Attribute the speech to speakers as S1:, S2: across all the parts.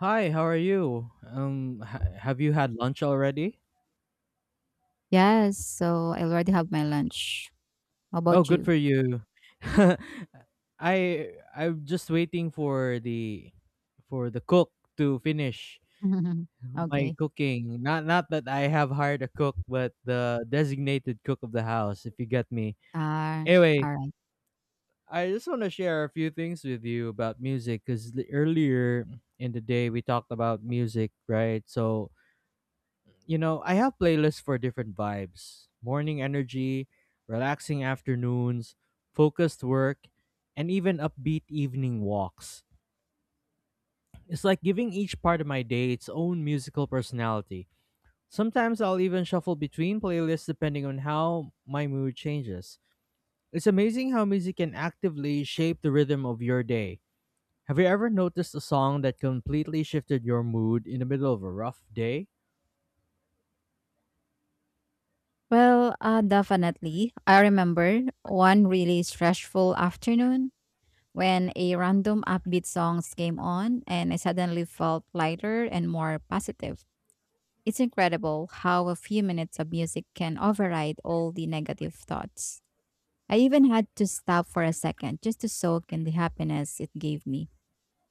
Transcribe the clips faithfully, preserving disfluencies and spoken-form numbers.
S1: Hi, how are you? Um, ha Have you had lunch already?
S2: Yes, so I already have my lunch. How
S1: Oh,
S2: about
S1: good
S2: you?
S1: for you. I I'm just waiting for the for the cook to finish my
S2: Okay.
S1: cooking. Not not that I have hired a cook, but the designated cook of the house, if you get me.
S2: Ah,
S1: Anyway,
S2: alright.
S1: I just want to share a few things with you about music because earlier in the day we talked about music, right? So you know, I have playlists for different vibes: morning energy, relaxing afternoons, focused work, and even upbeat evening walks. It's like giving each part of my day its own musical personality. Sometimes I'll even shuffle between playlists depending on how my mood changes. It's amazing how music can actively shape the rhythm of your day. Have you ever noticed a song that completely shifted your mood in the middle of a rough day?
S2: Well, uh, definitely. I remember one really stressful afternoon when a random upbeat songs came on and I suddenly felt lighter and more positive. It's incredible how a few minutes of music can override all the negative thoughts. I even had to stop for a second just to soak in the happiness it gave me.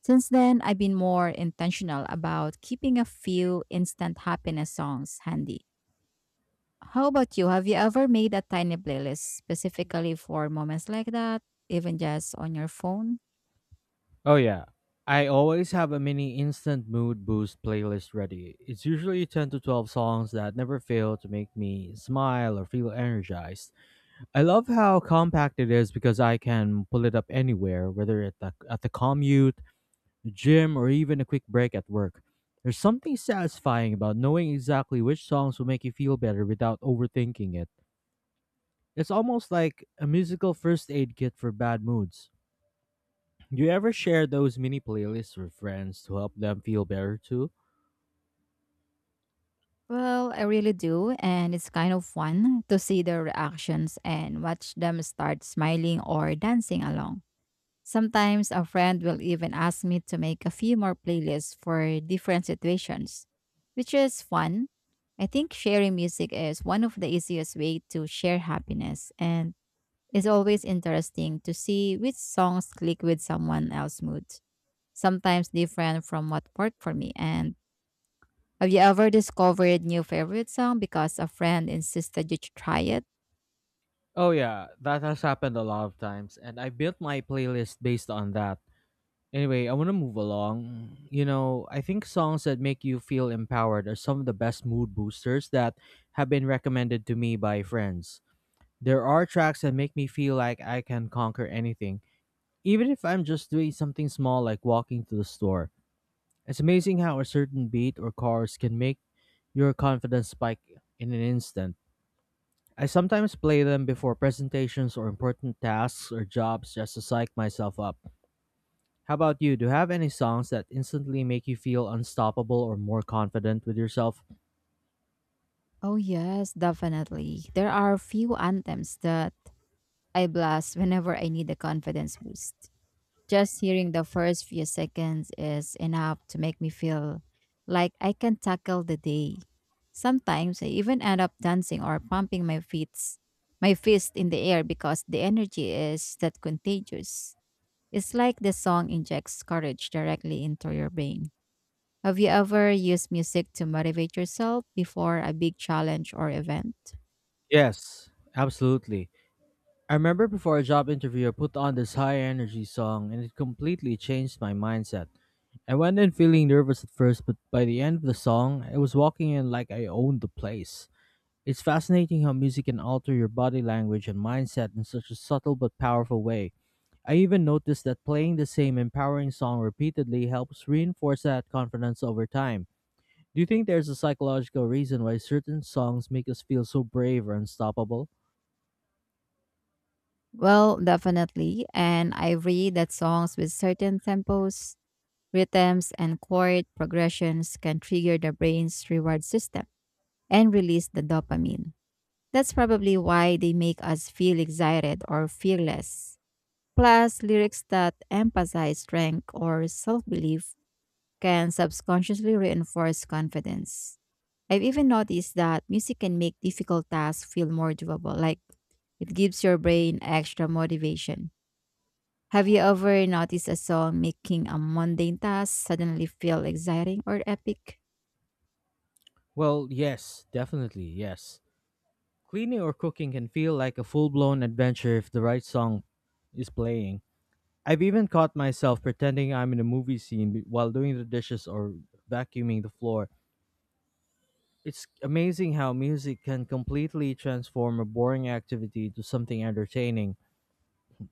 S2: Since then, I've been more intentional about keeping a few instant happiness songs handy. How about you? Have you ever made a tiny playlist specifically for moments like that, even just on your phone?
S1: Oh yeah. I always have a mini instant mood boost playlist ready. It's usually ten to twelve songs that never fail to make me smile or feel energized. I love how compact it is because I can pull it up anywhere, whether at the, at the commute, the gym, or even a quick break at work. There's something satisfying about knowing exactly which songs will make you feel better without overthinking it. It's almost like a musical first aid kit for bad moods. Do you ever share those mini playlists with friends to help them feel better too?
S2: Well, I really do, and it's kind of fun to see their reactions and watch them start smiling or dancing along. Sometimes a friend will even ask me to make a few more playlists for different situations, which is fun. I think sharing music is one of the easiest way to share happiness, and it's always interesting to see which songs click with someone else's mood, sometimes different from what worked for me. And have you ever discovered new favorite song because a friend insisted you try it?
S1: Oh yeah, that has happened a lot of times, and I built my playlist based on that. Anyway, I want to move along. You know, I think songs that make you feel empowered are some of the best mood boosters that have been recommended to me by friends. There are tracks that make me feel like I can conquer anything, even if I'm just doing something small like walking to the store. It's amazing how a certain beat or chorus can make your confidence spike in an instant. I sometimes play them before presentations or important tasks or jobs just to psych myself up. How about you? Do you have any songs that instantly make you feel unstoppable or more confident with yourself?
S2: Oh yes, definitely. There are few anthems that I blast whenever I need a confidence boost. Just hearing the first few seconds is enough to make me feel like I can tackle the day. Sometimes I even end up dancing or pumping my feet, my fist in the air because the energy is that contagious. It's like the song injects courage directly into your brain. Have you ever used music to motivate yourself before a big challenge or event?
S1: Yes, absolutely. I remember before a job interview, I put on this high energy song and it completely changed my mindset. I went in feeling nervous at first, but by the end of the song, I was walking in like I owned the place. It's fascinating how music can alter your body language and mindset in such a subtle but powerful way. I even noticed that playing the same empowering song repeatedly helps reinforce that confidence over time. Do you think there's a psychological reason why certain songs make us feel so brave or unstoppable?
S2: Well, definitely. And I read that songs with certain tempos, rhythms and chord progressions can trigger the brain's reward system and release the dopamine. That's probably why they make us feel excited or fearless. Plus, lyrics that emphasize strength or self belief can subconsciously reinforce confidence. I've even noticed that music can make difficult tasks feel more doable, like it gives your brain extra motivation. Have you ever noticed a song making a mundane task suddenly feel exciting or epic?
S1: Well, yes, definitely, yes. Cleaning or cooking can feel like a full blown adventure if the right song is playing. I've even caught myself pretending I'm in a movie scene be- while doing the dishes or vacuuming the floor. It's amazing how music can completely transform a boring activity to something entertaining.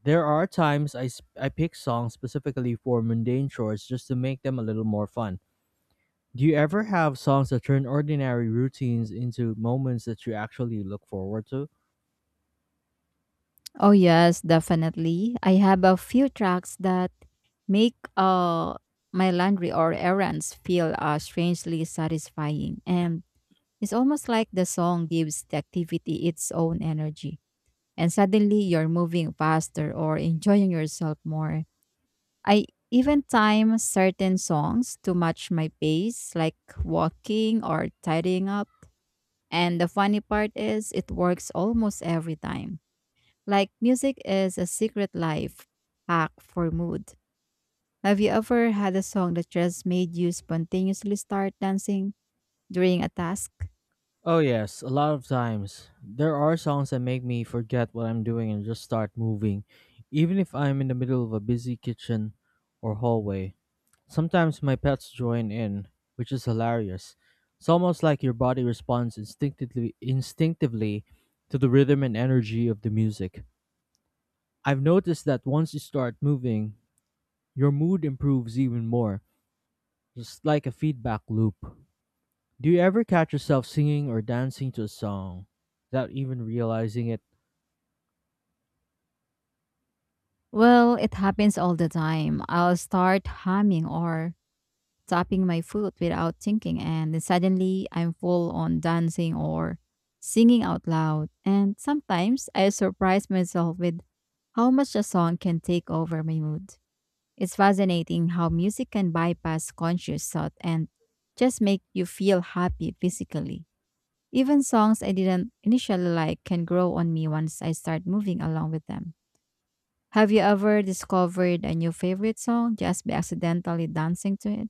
S1: There are times I, s- I pick songs specifically for mundane chores just to make them a little more fun. Do you ever have songs that turn ordinary routines into moments that you actually look forward to?
S2: Oh yes, definitely. I have a few tracks that make uh my laundry or errands feel uh, strangely satisfying, and it's almost like the song gives the activity its own energy and suddenly you're moving faster or enjoying yourself more. I even time certain songs to match my pace, like walking or tidying up, and the funny part is it works almost every time, like music is a secret life hack for mood. Have you ever had a song that just made you spontaneously start dancing during a task?
S1: Oh, yes, a lot of times. There are songs that make me forget what I'm doing and just start moving, even if I'm in the middle of a busy kitchen or hallway. Sometimes my pets join in, which is hilarious. It's almost like your body responds instinctively instinctively to the rhythm and energy of the music. I've noticed that once you start moving, your mood improves even more, just like a feedback loop. Do you ever catch yourself singing or dancing to a song without even realizing it?
S2: Well, it happens all the time. I'll start humming or tapping my foot without thinking, and then suddenly I'm full on dancing or singing out loud. And sometimes I surprise myself with how much a song can take over my mood. It's fascinating how music can bypass conscious thought and just make you feel happy physically. Even songs I didn't initially like can grow on me once I start moving along with them. Have you ever discovered a new favorite song just by accidentally dancing to it?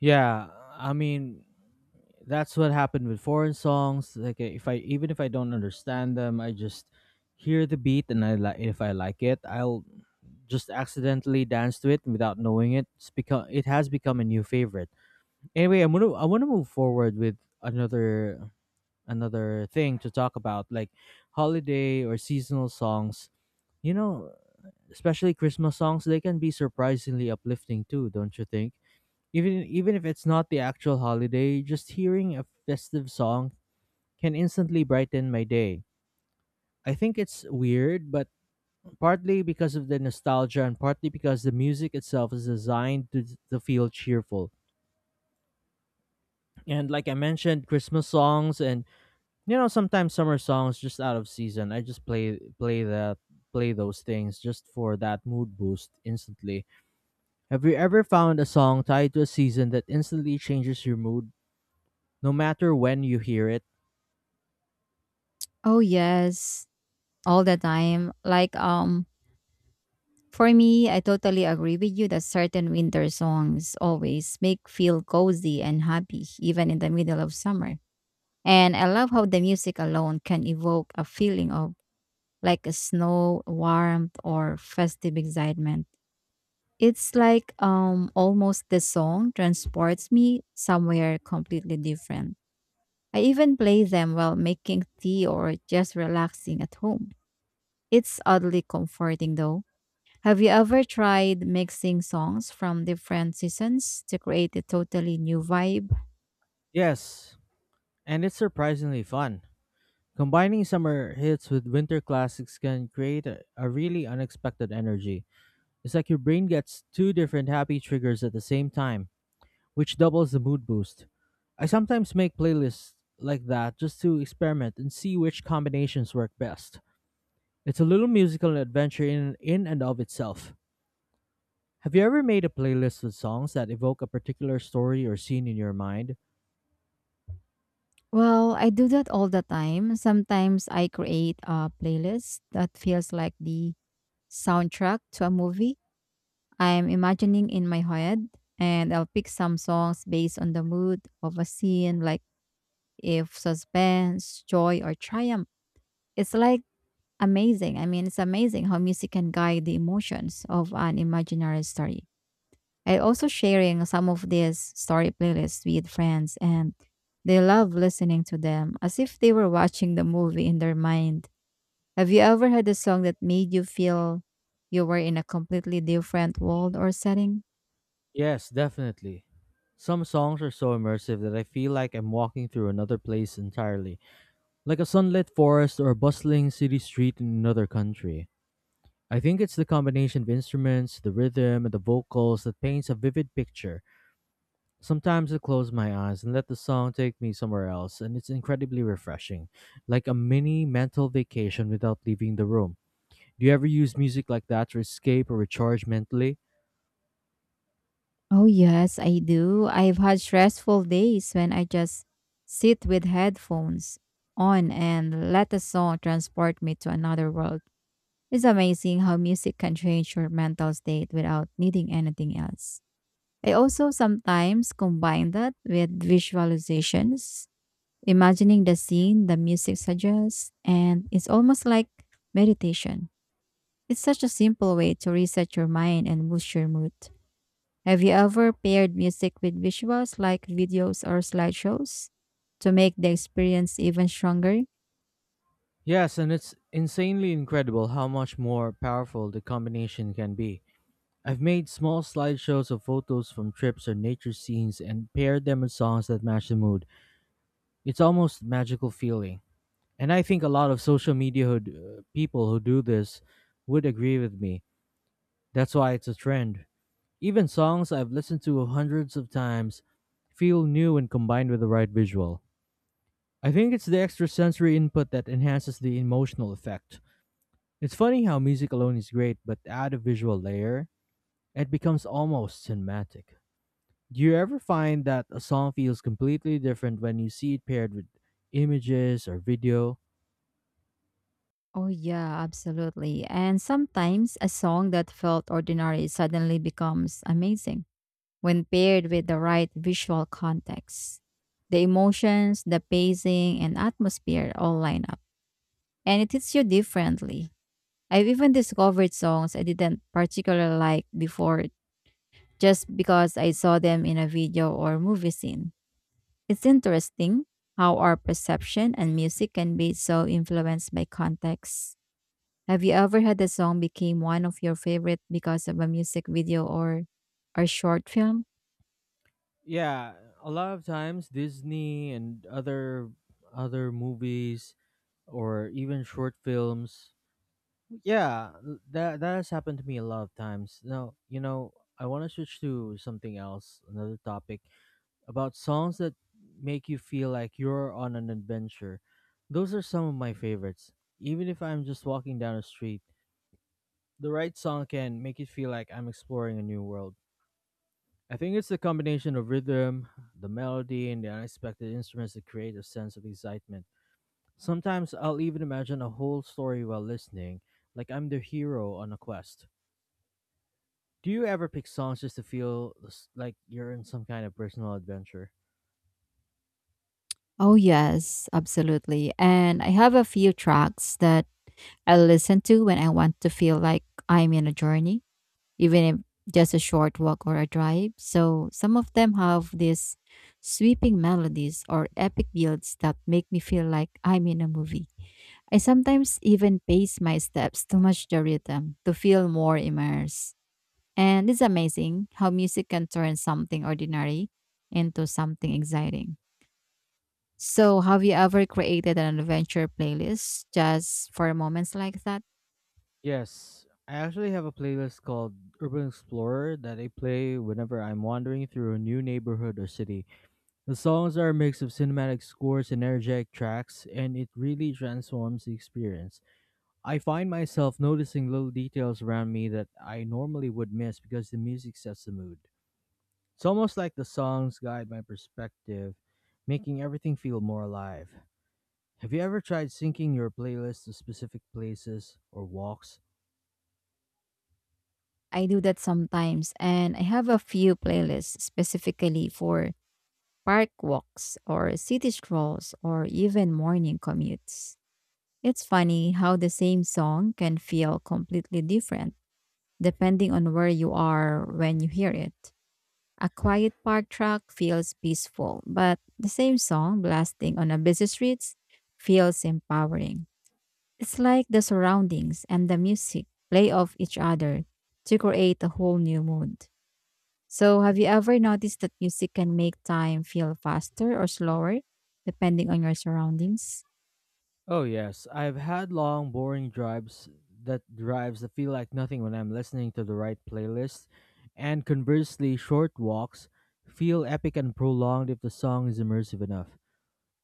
S1: Yeah, I mean, that's what happened with foreign songs. Like if I even if I don't understand them, I just hear the beat, and I like, if I like it, I'll just accidentally dance to it without knowing it. It's become it has become a new favorite. Anyway, i'm gonna I want to move forward with another another thing to talk about, like holiday or seasonal songs, you know, especially Christmas songs. They can be surprisingly uplifting too, don't you think? Even even if it's not the actual holiday, just hearing a festive song can instantly brighten my day. I think it's weird, but partly because of the nostalgia and partly because the music itself is designed to, to feel cheerful. And like I mentioned, Christmas songs and you know sometimes summer songs just out of season. I just play play that play those things just for that mood boost instantly. Have you ever found a song tied to a season that instantly changes your mood no matter when you hear it?
S2: Oh yes, all the time. Like, um for me, I totally agree with you that certain winter songs always make feel cozy and happy even in the middle of summer. And I love how the music alone can evoke a feeling of like a snow, warmth, or festive excitement. It's like, um almost the song transports me somewhere completely different. I even play them while making tea or just relaxing at home. It's oddly comforting though. Have you ever tried mixing songs from different seasons to create a totally new vibe?
S1: Yes, and it's surprisingly fun. Combining summer hits with winter classics can create a, a really unexpected energy. It's like your brain gets two different happy triggers at the same time, which doubles the mood boost. I sometimes make playlists like that just to experiment and see which combinations work best. It's a little musical adventure in, in and of itself. Have you ever made a playlist with songs that evoke a particular story or scene in your mind?
S2: Well, I do that all the time. Sometimes I create a playlist that feels like the soundtrack to a movie I'm imagining in my head, and I'll pick some songs based on the mood of a scene, like if suspense, joy, or triumph. It's like amazing. I mean, it's amazing how music can guide the emotions of an imaginary story. I also sharing some of these story playlists with friends, and they love listening to them as if they were watching the movie in their mind. Have you ever had a song that made you feel you were in a completely different world or setting?
S1: Yes, definitely. Some songs are so immersive that I feel like I'm walking through another place entirely, like a sunlit forest or a bustling city street in another country. I think it's the combination of instruments, the rhythm, and the vocals that paints a vivid picture. Sometimes I close my eyes and let the song take me somewhere else, and it's incredibly refreshing, like a mini mental vacation without leaving the room. Do you ever use music like that to escape or recharge mentally?
S2: Oh yes, I do. I've had stressful days when I just sit with headphones on and let a song transport me to another world. It's amazing how music can change your mental state without needing anything else. I also sometimes combine that with visualizations, imagining the scene the music suggests, and it's almost like meditation. It's such a simple way to reset your mind and boost your mood. Have you ever paired music with visuals like videos or slideshows to make the experience even stronger?
S1: Yes, and it's insanely incredible how much more powerful the combination can be. I've made small slideshows of photos from trips or nature scenes and paired them with songs that match the mood. It's almost magical feeling. And I think a lot of social media who d- uh, people who do this would agree with me. That's why it's a trend. Even songs I've listened to hundreds of times feel new when combined with the right visual. I think it's the extra sensory input that enhances the emotional effect. It's funny how music alone is great, but add a visual layer, it becomes almost cinematic. Do you ever find that a song feels completely different when you see it paired with images or video?
S2: Oh, yeah, absolutely. And sometimes a song that felt ordinary suddenly becomes amazing when paired with the right visual context. The emotions, the pacing, and atmosphere all line up, and it hits you differently. I've even discovered songs I didn't particularly like before just because I saw them in a video or movie scene. It's interesting how our perception and music can be so influenced by context. Have you ever had a song became one of your favorite because of a music video or or short film?
S1: Yeah, a lot of times Disney and other other movies or even short films. Yeah, that that has happened to me a lot of times. Now, you know, I want to switch to something else, another topic, about songs that make you feel like you're on an adventure. Those are some of my favorites. Even if I'm just walking down a street, the right song can make it feel like I'm exploring a new world. I think it's the combination of rhythm, the melody, and the unexpected instruments that create a sense of excitement. Sometimes I'll even imagine a whole story while listening, like I'm the hero on a quest. Do you ever pick songs just to feel s- like you're in some kind of personal adventure?
S2: Oh, yes, absolutely. And I have a few tracks that I listen to when I want to feel like I'm in a journey, even if just a short walk or a drive. So some of them have these sweeping melodies or epic builds that make me feel like I'm in a movie. I sometimes even pace my steps to match the rhythm to feel more immersed. And it's amazing how music can turn something ordinary into something exciting. So, have you ever created an adventure playlist just for moments like that?
S1: Yes, I actually have a playlist called Urban Explorer that I play whenever I'm wandering through a new neighborhood or city. The songs are a mix of cinematic scores and energetic tracks, and it really transforms the experience. I find myself noticing little details around me that I normally would miss because the music sets the mood. It's almost like the songs guide my perspective, making everything feel more alive. Have you ever tried syncing your playlist to specific places or walks?
S2: I do that sometimes, and I have a few playlists specifically for park walks or city strolls or even morning commutes. It's funny how the same song can feel completely different depending on where you are when you hear it. A quiet park track feels peaceful, but the same song blasting on a busy streets feels empowering. It's like the surroundings and the music play off each other to create a whole new mood. So, have you ever noticed that music can make time feel faster or slower depending on your surroundings?
S1: Oh yes, I've had long boring drives that drives that feel like nothing when I'm listening to the right playlist, and conversely, short walks feel epic and prolonged if the song is immersive enough.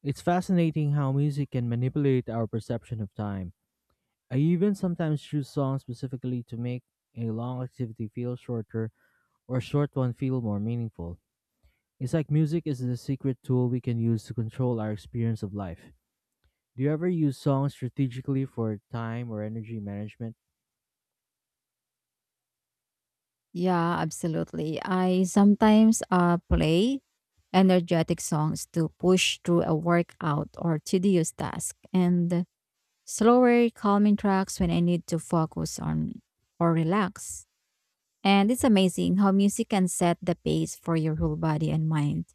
S1: It's fascinating how music can manipulate our perception of time. I even sometimes choose songs specifically to make a long activity feel shorter or a short one feel more meaningful. It's like music is the secret tool we can use to control our experience of life. Do you ever use songs strategically for time or energy management?
S2: Yeah, absolutely. I sometimes uh, play energetic songs to push through a workout or tedious task, and slower, calming tracks when I need to focus on or relax. And it's amazing how music can set the pace for your whole body and mind.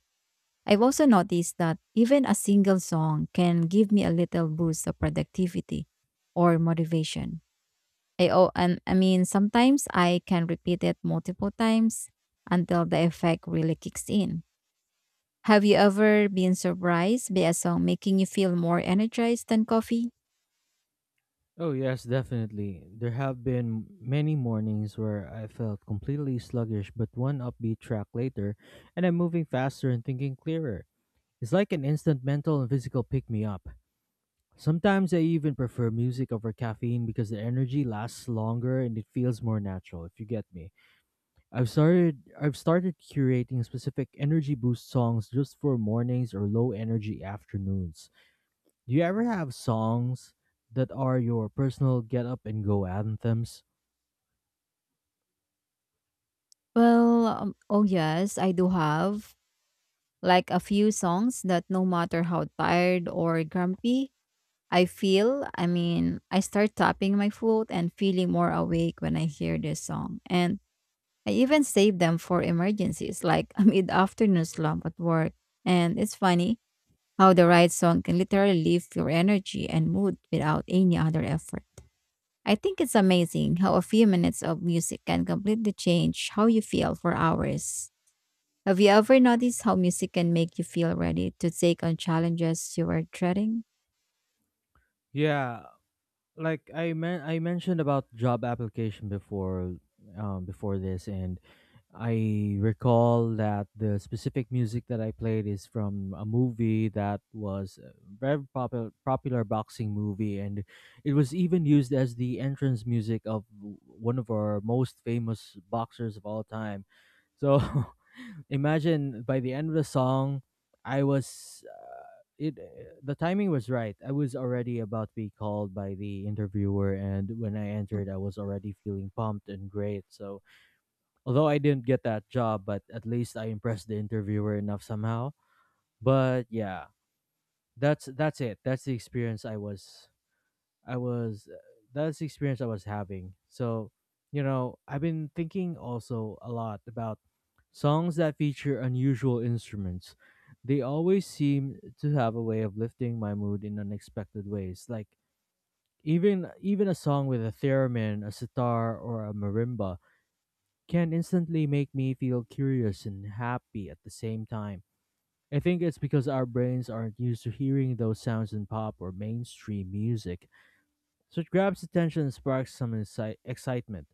S2: I've also noticed that even a single song can give me a little boost of productivity or motivation. I oh, and I mean sometimes I can repeat it multiple times until the effect really kicks in. Have you ever been surprised by a song making you feel more energized than coffee?
S1: Oh, yes, definitely. There have been many mornings where I felt completely sluggish, but one upbeat track later, and I'm moving faster and thinking clearer. It's like an instant mental and physical pick me up. Sometimes I even prefer music over caffeine because the energy lasts longer and it feels more natural, if you get me. I've started I've started curating specific energy boost songs just for mornings or low energy afternoons. Do you ever have songs that are your personal get up and go anthems?
S2: Well, um, oh yes, I do have like a few songs that no matter how tired or grumpy I feel, I mean, I start tapping my foot and feeling more awake when I hear this song. And I even save them for emergencies like a mid afternoon slump at work. And it's funny how the right song can literally lift your energy and mood without any other effort. I think it's amazing how a few minutes of music can completely change how you feel for hours. Have you ever noticed how music can make you feel ready to take on challenges you were dreading?
S1: Yeah, like I men- I mentioned about job application before um before this and I recall that the specific music that I played is from a movie that was a very popular popular boxing movie, and it was even used as the entrance music of w- one of our most famous boxers of all time. So imagine by the end of the song I was uh, it uh, the timing was right. I was already about to be called by the interviewer, and when I entered I was already feeling pumped and great. So although I didn't get that job, but at least I impressed the interviewer enough somehow. But yeah, that's that's it. That's the experience I was I was uh, that's the experience I was having. So, you know, I've been thinking also a lot about songs that feature unusual instruments. They always seem to have a way of lifting my mood in unexpected ways. Like even even a song with a theremin, a sitar, or a marimba can instantly make me feel curious and happy at the same time. I think it's because our brains aren't used to hearing those sounds in pop or mainstream music, so it grabs attention and sparks some inci- excitement.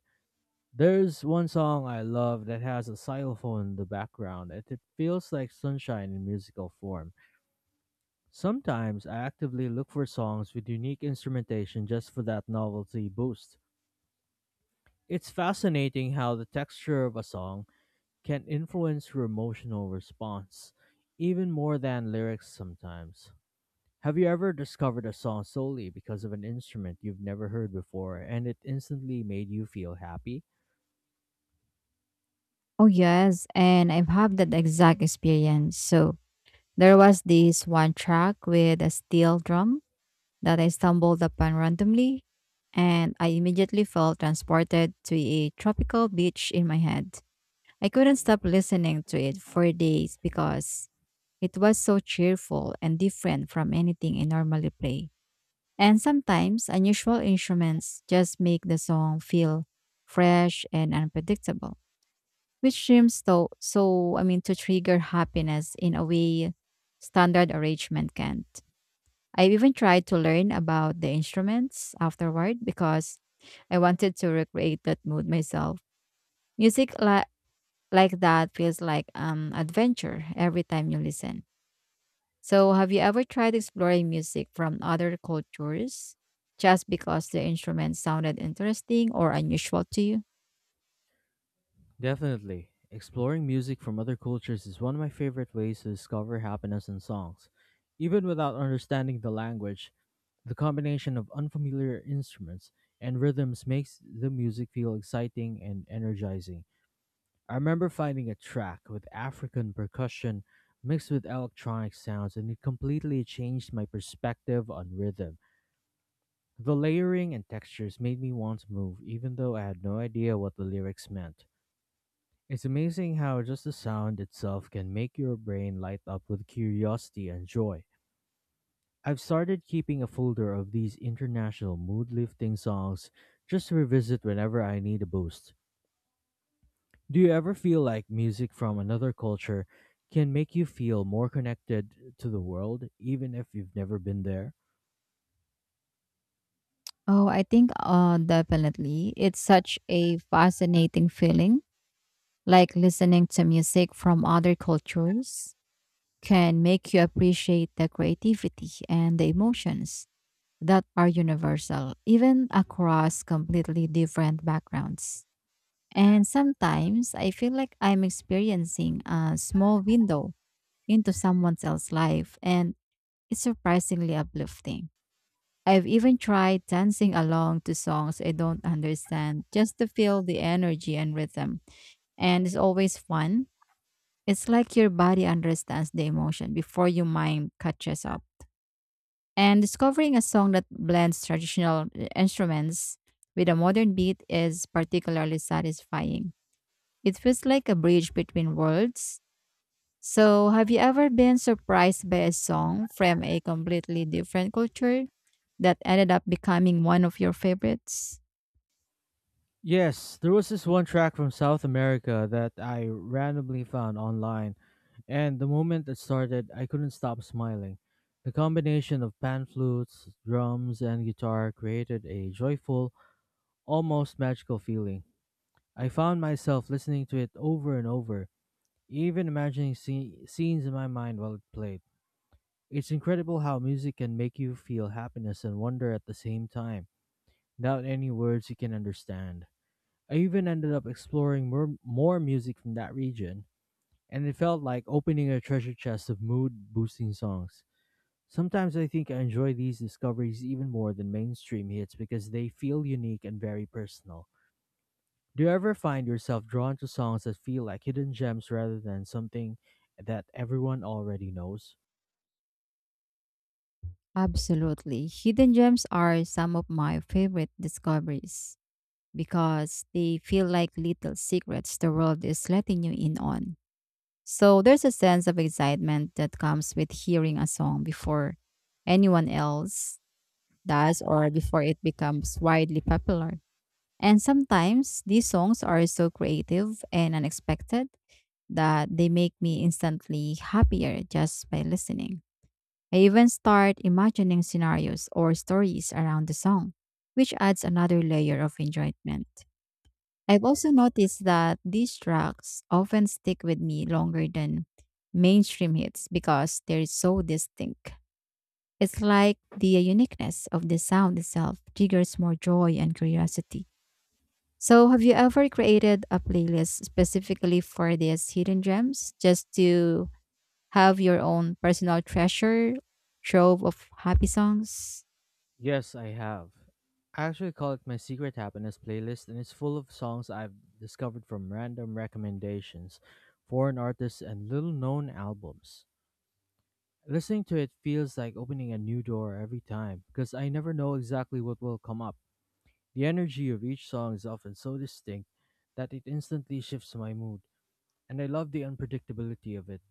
S1: There's one song I love that has a xylophone in the background, and it feels like sunshine in musical form. Sometimes I actively look for songs with unique instrumentation just for that novelty boost. It's fascinating how the texture of a song can influence your emotional response, even more than lyrics sometimes. Have you ever discovered a song solely because of an instrument you've never heard before and it instantly made you feel happy?
S2: Oh, yes. And I've had that exact experience. So there was this one track with a steel drum that I stumbled upon randomly, and I immediately felt transported to a tropical beach in my head. I couldn't stop listening to it for days because it was so cheerful and different from anything I normally play. And sometimes unusual instruments just make the song feel fresh and unpredictable. Which dreams though, so I mean to trigger happiness in a way standard arrangement can't. I even tried to learn about the instruments afterward because I wanted to recreate that mood myself. Music li- like that feels like um adventure every time you listen. So have you ever tried exploring music from other cultures just because the instruments sounded interesting or unusual to you?
S1: Definitely. Exploring music from other cultures is one of my favorite ways to discover happiness in songs. Even without understanding the language, the combination of unfamiliar instruments and rhythms makes the music feel exciting and energizing. I remember finding a track with African percussion mixed with electronic sounds, and it completely changed my perspective on rhythm. The layering and textures made me want to move, even though I had no idea what the lyrics meant. It's amazing how just the sound itself can make your brain light up with curiosity and joy. I've started keeping a folder of these international mood lifting songs just to revisit whenever I need a boost. Do you ever feel like music from another culture can make you feel more connected to the world, even if you've never been there?
S2: Oh, I think uh definitely. It's such a fascinating feeling. Like listening to music from other cultures can make you appreciate the creativity and the emotions that are universal, even across completely different backgrounds. And sometimes I feel like I'm experiencing a small window into someone else's life, and it's surprisingly uplifting. I've even tried dancing along to songs I don't understand just to feel the energy and rhythm. And it's always fun. It's like your body understands the emotion before your mind catches up. And discovering a song that blends traditional uh, instruments with a modern beat is particularly satisfying. It feels like a bridge between worlds. So, have you ever been surprised by a song from a completely different culture that ended up becoming one of your favorites?
S1: Yes, there was this one track from South America that I randomly found online, and the moment it started, I couldn't stop smiling. The combination of pan flutes, drums, and guitar created a joyful, almost magical feeling. I found myself listening to it over and over, even imagining sce- scenes in my mind while it played. It's incredible how music can make you feel happiness and wonder at the same time, without any words you can understand. I even ended up exploring more, more music from that region, and it felt like opening a treasure chest of mood boosting songs. Sometimes I think I enjoy these discoveries even more than mainstream hits because they feel unique and very personal. Do you ever find yourself drawn to songs that feel like hidden gems rather than something that everyone already knows?
S2: Absolutely. Hidden gems are some of my favorite discoveries because they feel like little secrets the world is letting you in on. So there's a sense of excitement that comes with hearing a song before anyone else does or before it becomes widely popular. And sometimes these songs are so creative and unexpected that they make me instantly happier just by listening. I even start imagining scenarios or stories around the song, which adds another layer of enjoyment. I've also noticed that these tracks often stick with me longer than mainstream hits because they're so distinct. It's like the uniqueness of the sound itself triggers more joy and curiosity. So, have you ever created a playlist specifically for these hidden gems just to have your own personal treasure trove of happy songs?
S1: Yes, I have. I actually call it my secret happiness playlist, and it's full of songs I've discovered from random recommendations, foreign artists, and little known albums. Listening to it feels like opening a new door every time because I never know exactly what will come up. The energy of each song is often so distinct that it instantly shifts my mood, and I love the unpredictability of it.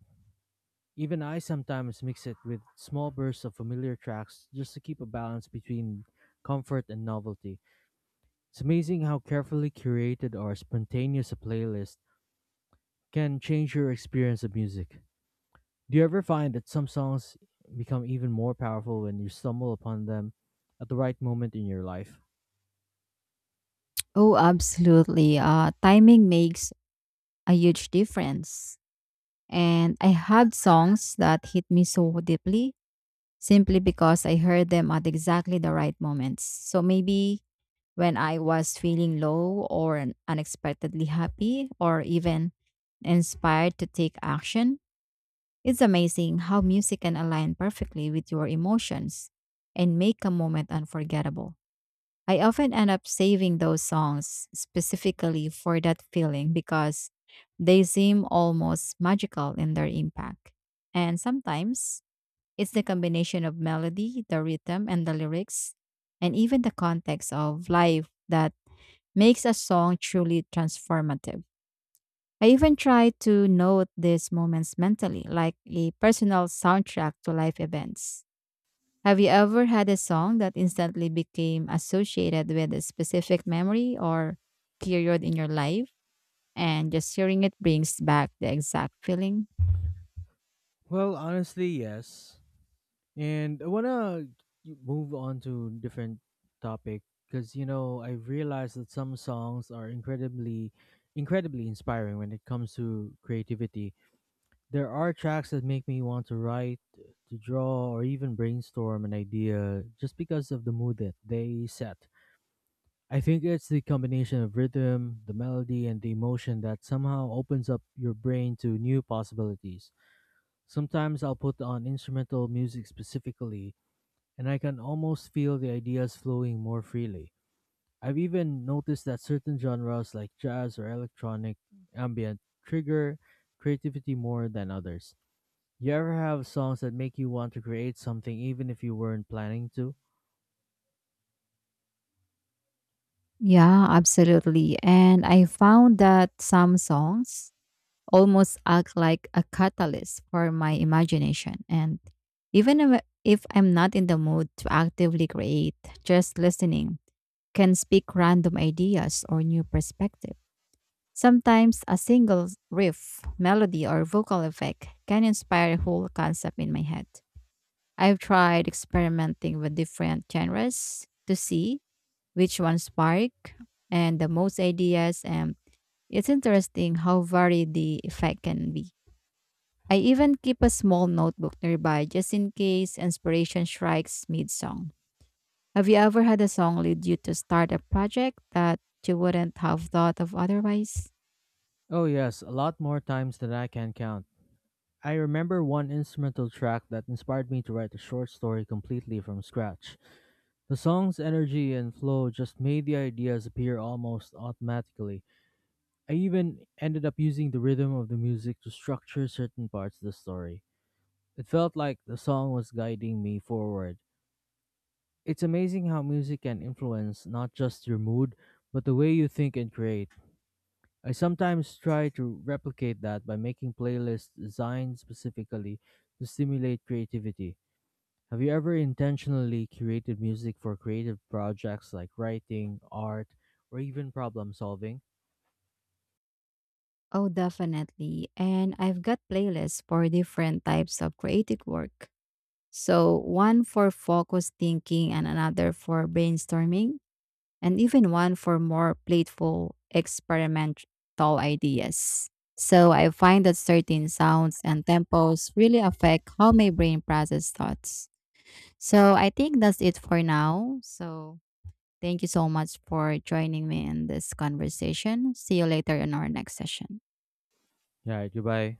S1: Even I sometimes mix it with small bursts of familiar tracks just to keep a balance between comfort and novelty. It's amazing how carefully curated or spontaneous a playlist can change your experience of music. Do you ever find that some songs become even more powerful when you stumble upon them at the right moment in your life?
S2: Oh, absolutely. Uh, timing makes a huge difference. And I had songs that hit me so deeply simply because I heard them at exactly the right moments. So maybe when I was feeling low or un- unexpectedly happy or even inspired to take action, it's amazing how music can align perfectly with your emotions and make a moment unforgettable. I often end up saving those songs specifically for that feeling because they seem almost magical in their impact. And sometimes it's the combination of melody, the rhythm, and the lyrics, and even the context of life that makes a song truly transformative. I even try to note these moments mentally, like a personal soundtrack to life events. Have you ever had a song that instantly became associated with a specific memory or period in your life? And just hearing it brings back the exact feeling?
S1: Well, honestly, yes. And I want to move on to different topic because, you know, I realized that some songs are incredibly incredibly inspiring when it comes to creativity. There are tracks that make me want to write, to draw, or even brainstorm an idea just because of the mood that they set. I think it's the combination of rhythm, the melody, and the emotion that somehow opens up your brain to new possibilities. Sometimes I'll put on instrumental music specifically, and I can almost feel the ideas flowing more freely. I've even noticed that certain genres like jazz or electronic ambient trigger creativity more than others. You ever have songs that make you want to create something even if you weren't planning to?
S2: Yeah, absolutely. And I found that some songs almost act like a catalyst for my imagination. And even if if I'm not in the mood to actively create, just listening can speak random ideas or new perspectives. Sometimes a single riff, melody, or vocal effect can inspire a whole concept in my head. I've tried experimenting with different genres to see which one spark and the most ideas, and it's interesting how varied the effect can be. I even keep a small notebook nearby just in case inspiration strikes mid song. Have you ever had a song lead you to start a project that you wouldn't have thought of otherwise?
S1: Oh, yes, a lot more times than I can count. I remember one instrumental track that inspired me to write a short story completely from scratch. The song's energy and flow just made the ideas appear almost automatically. I even ended up using the rhythm of the music to structure certain parts of the story. It felt like the song was guiding me forward. It's amazing how music can influence not just your mood, but the way you think and create. I sometimes try to replicate that by making playlists designed specifically to stimulate creativity. Have you ever intentionally curated music for creative projects like writing, art, or even problem solving?
S2: Oh, definitely. And I've got playlists for different types of creative work. So, one for focused thinking and another for brainstorming, and even one for more playful, experimental ideas. So, I find that certain sounds and tempos really affect how my brain processes thoughts. So, I think that's it for now. So, thank you so much for joining me in this conversation. See you later in our next session.
S1: Yeah, goodbye.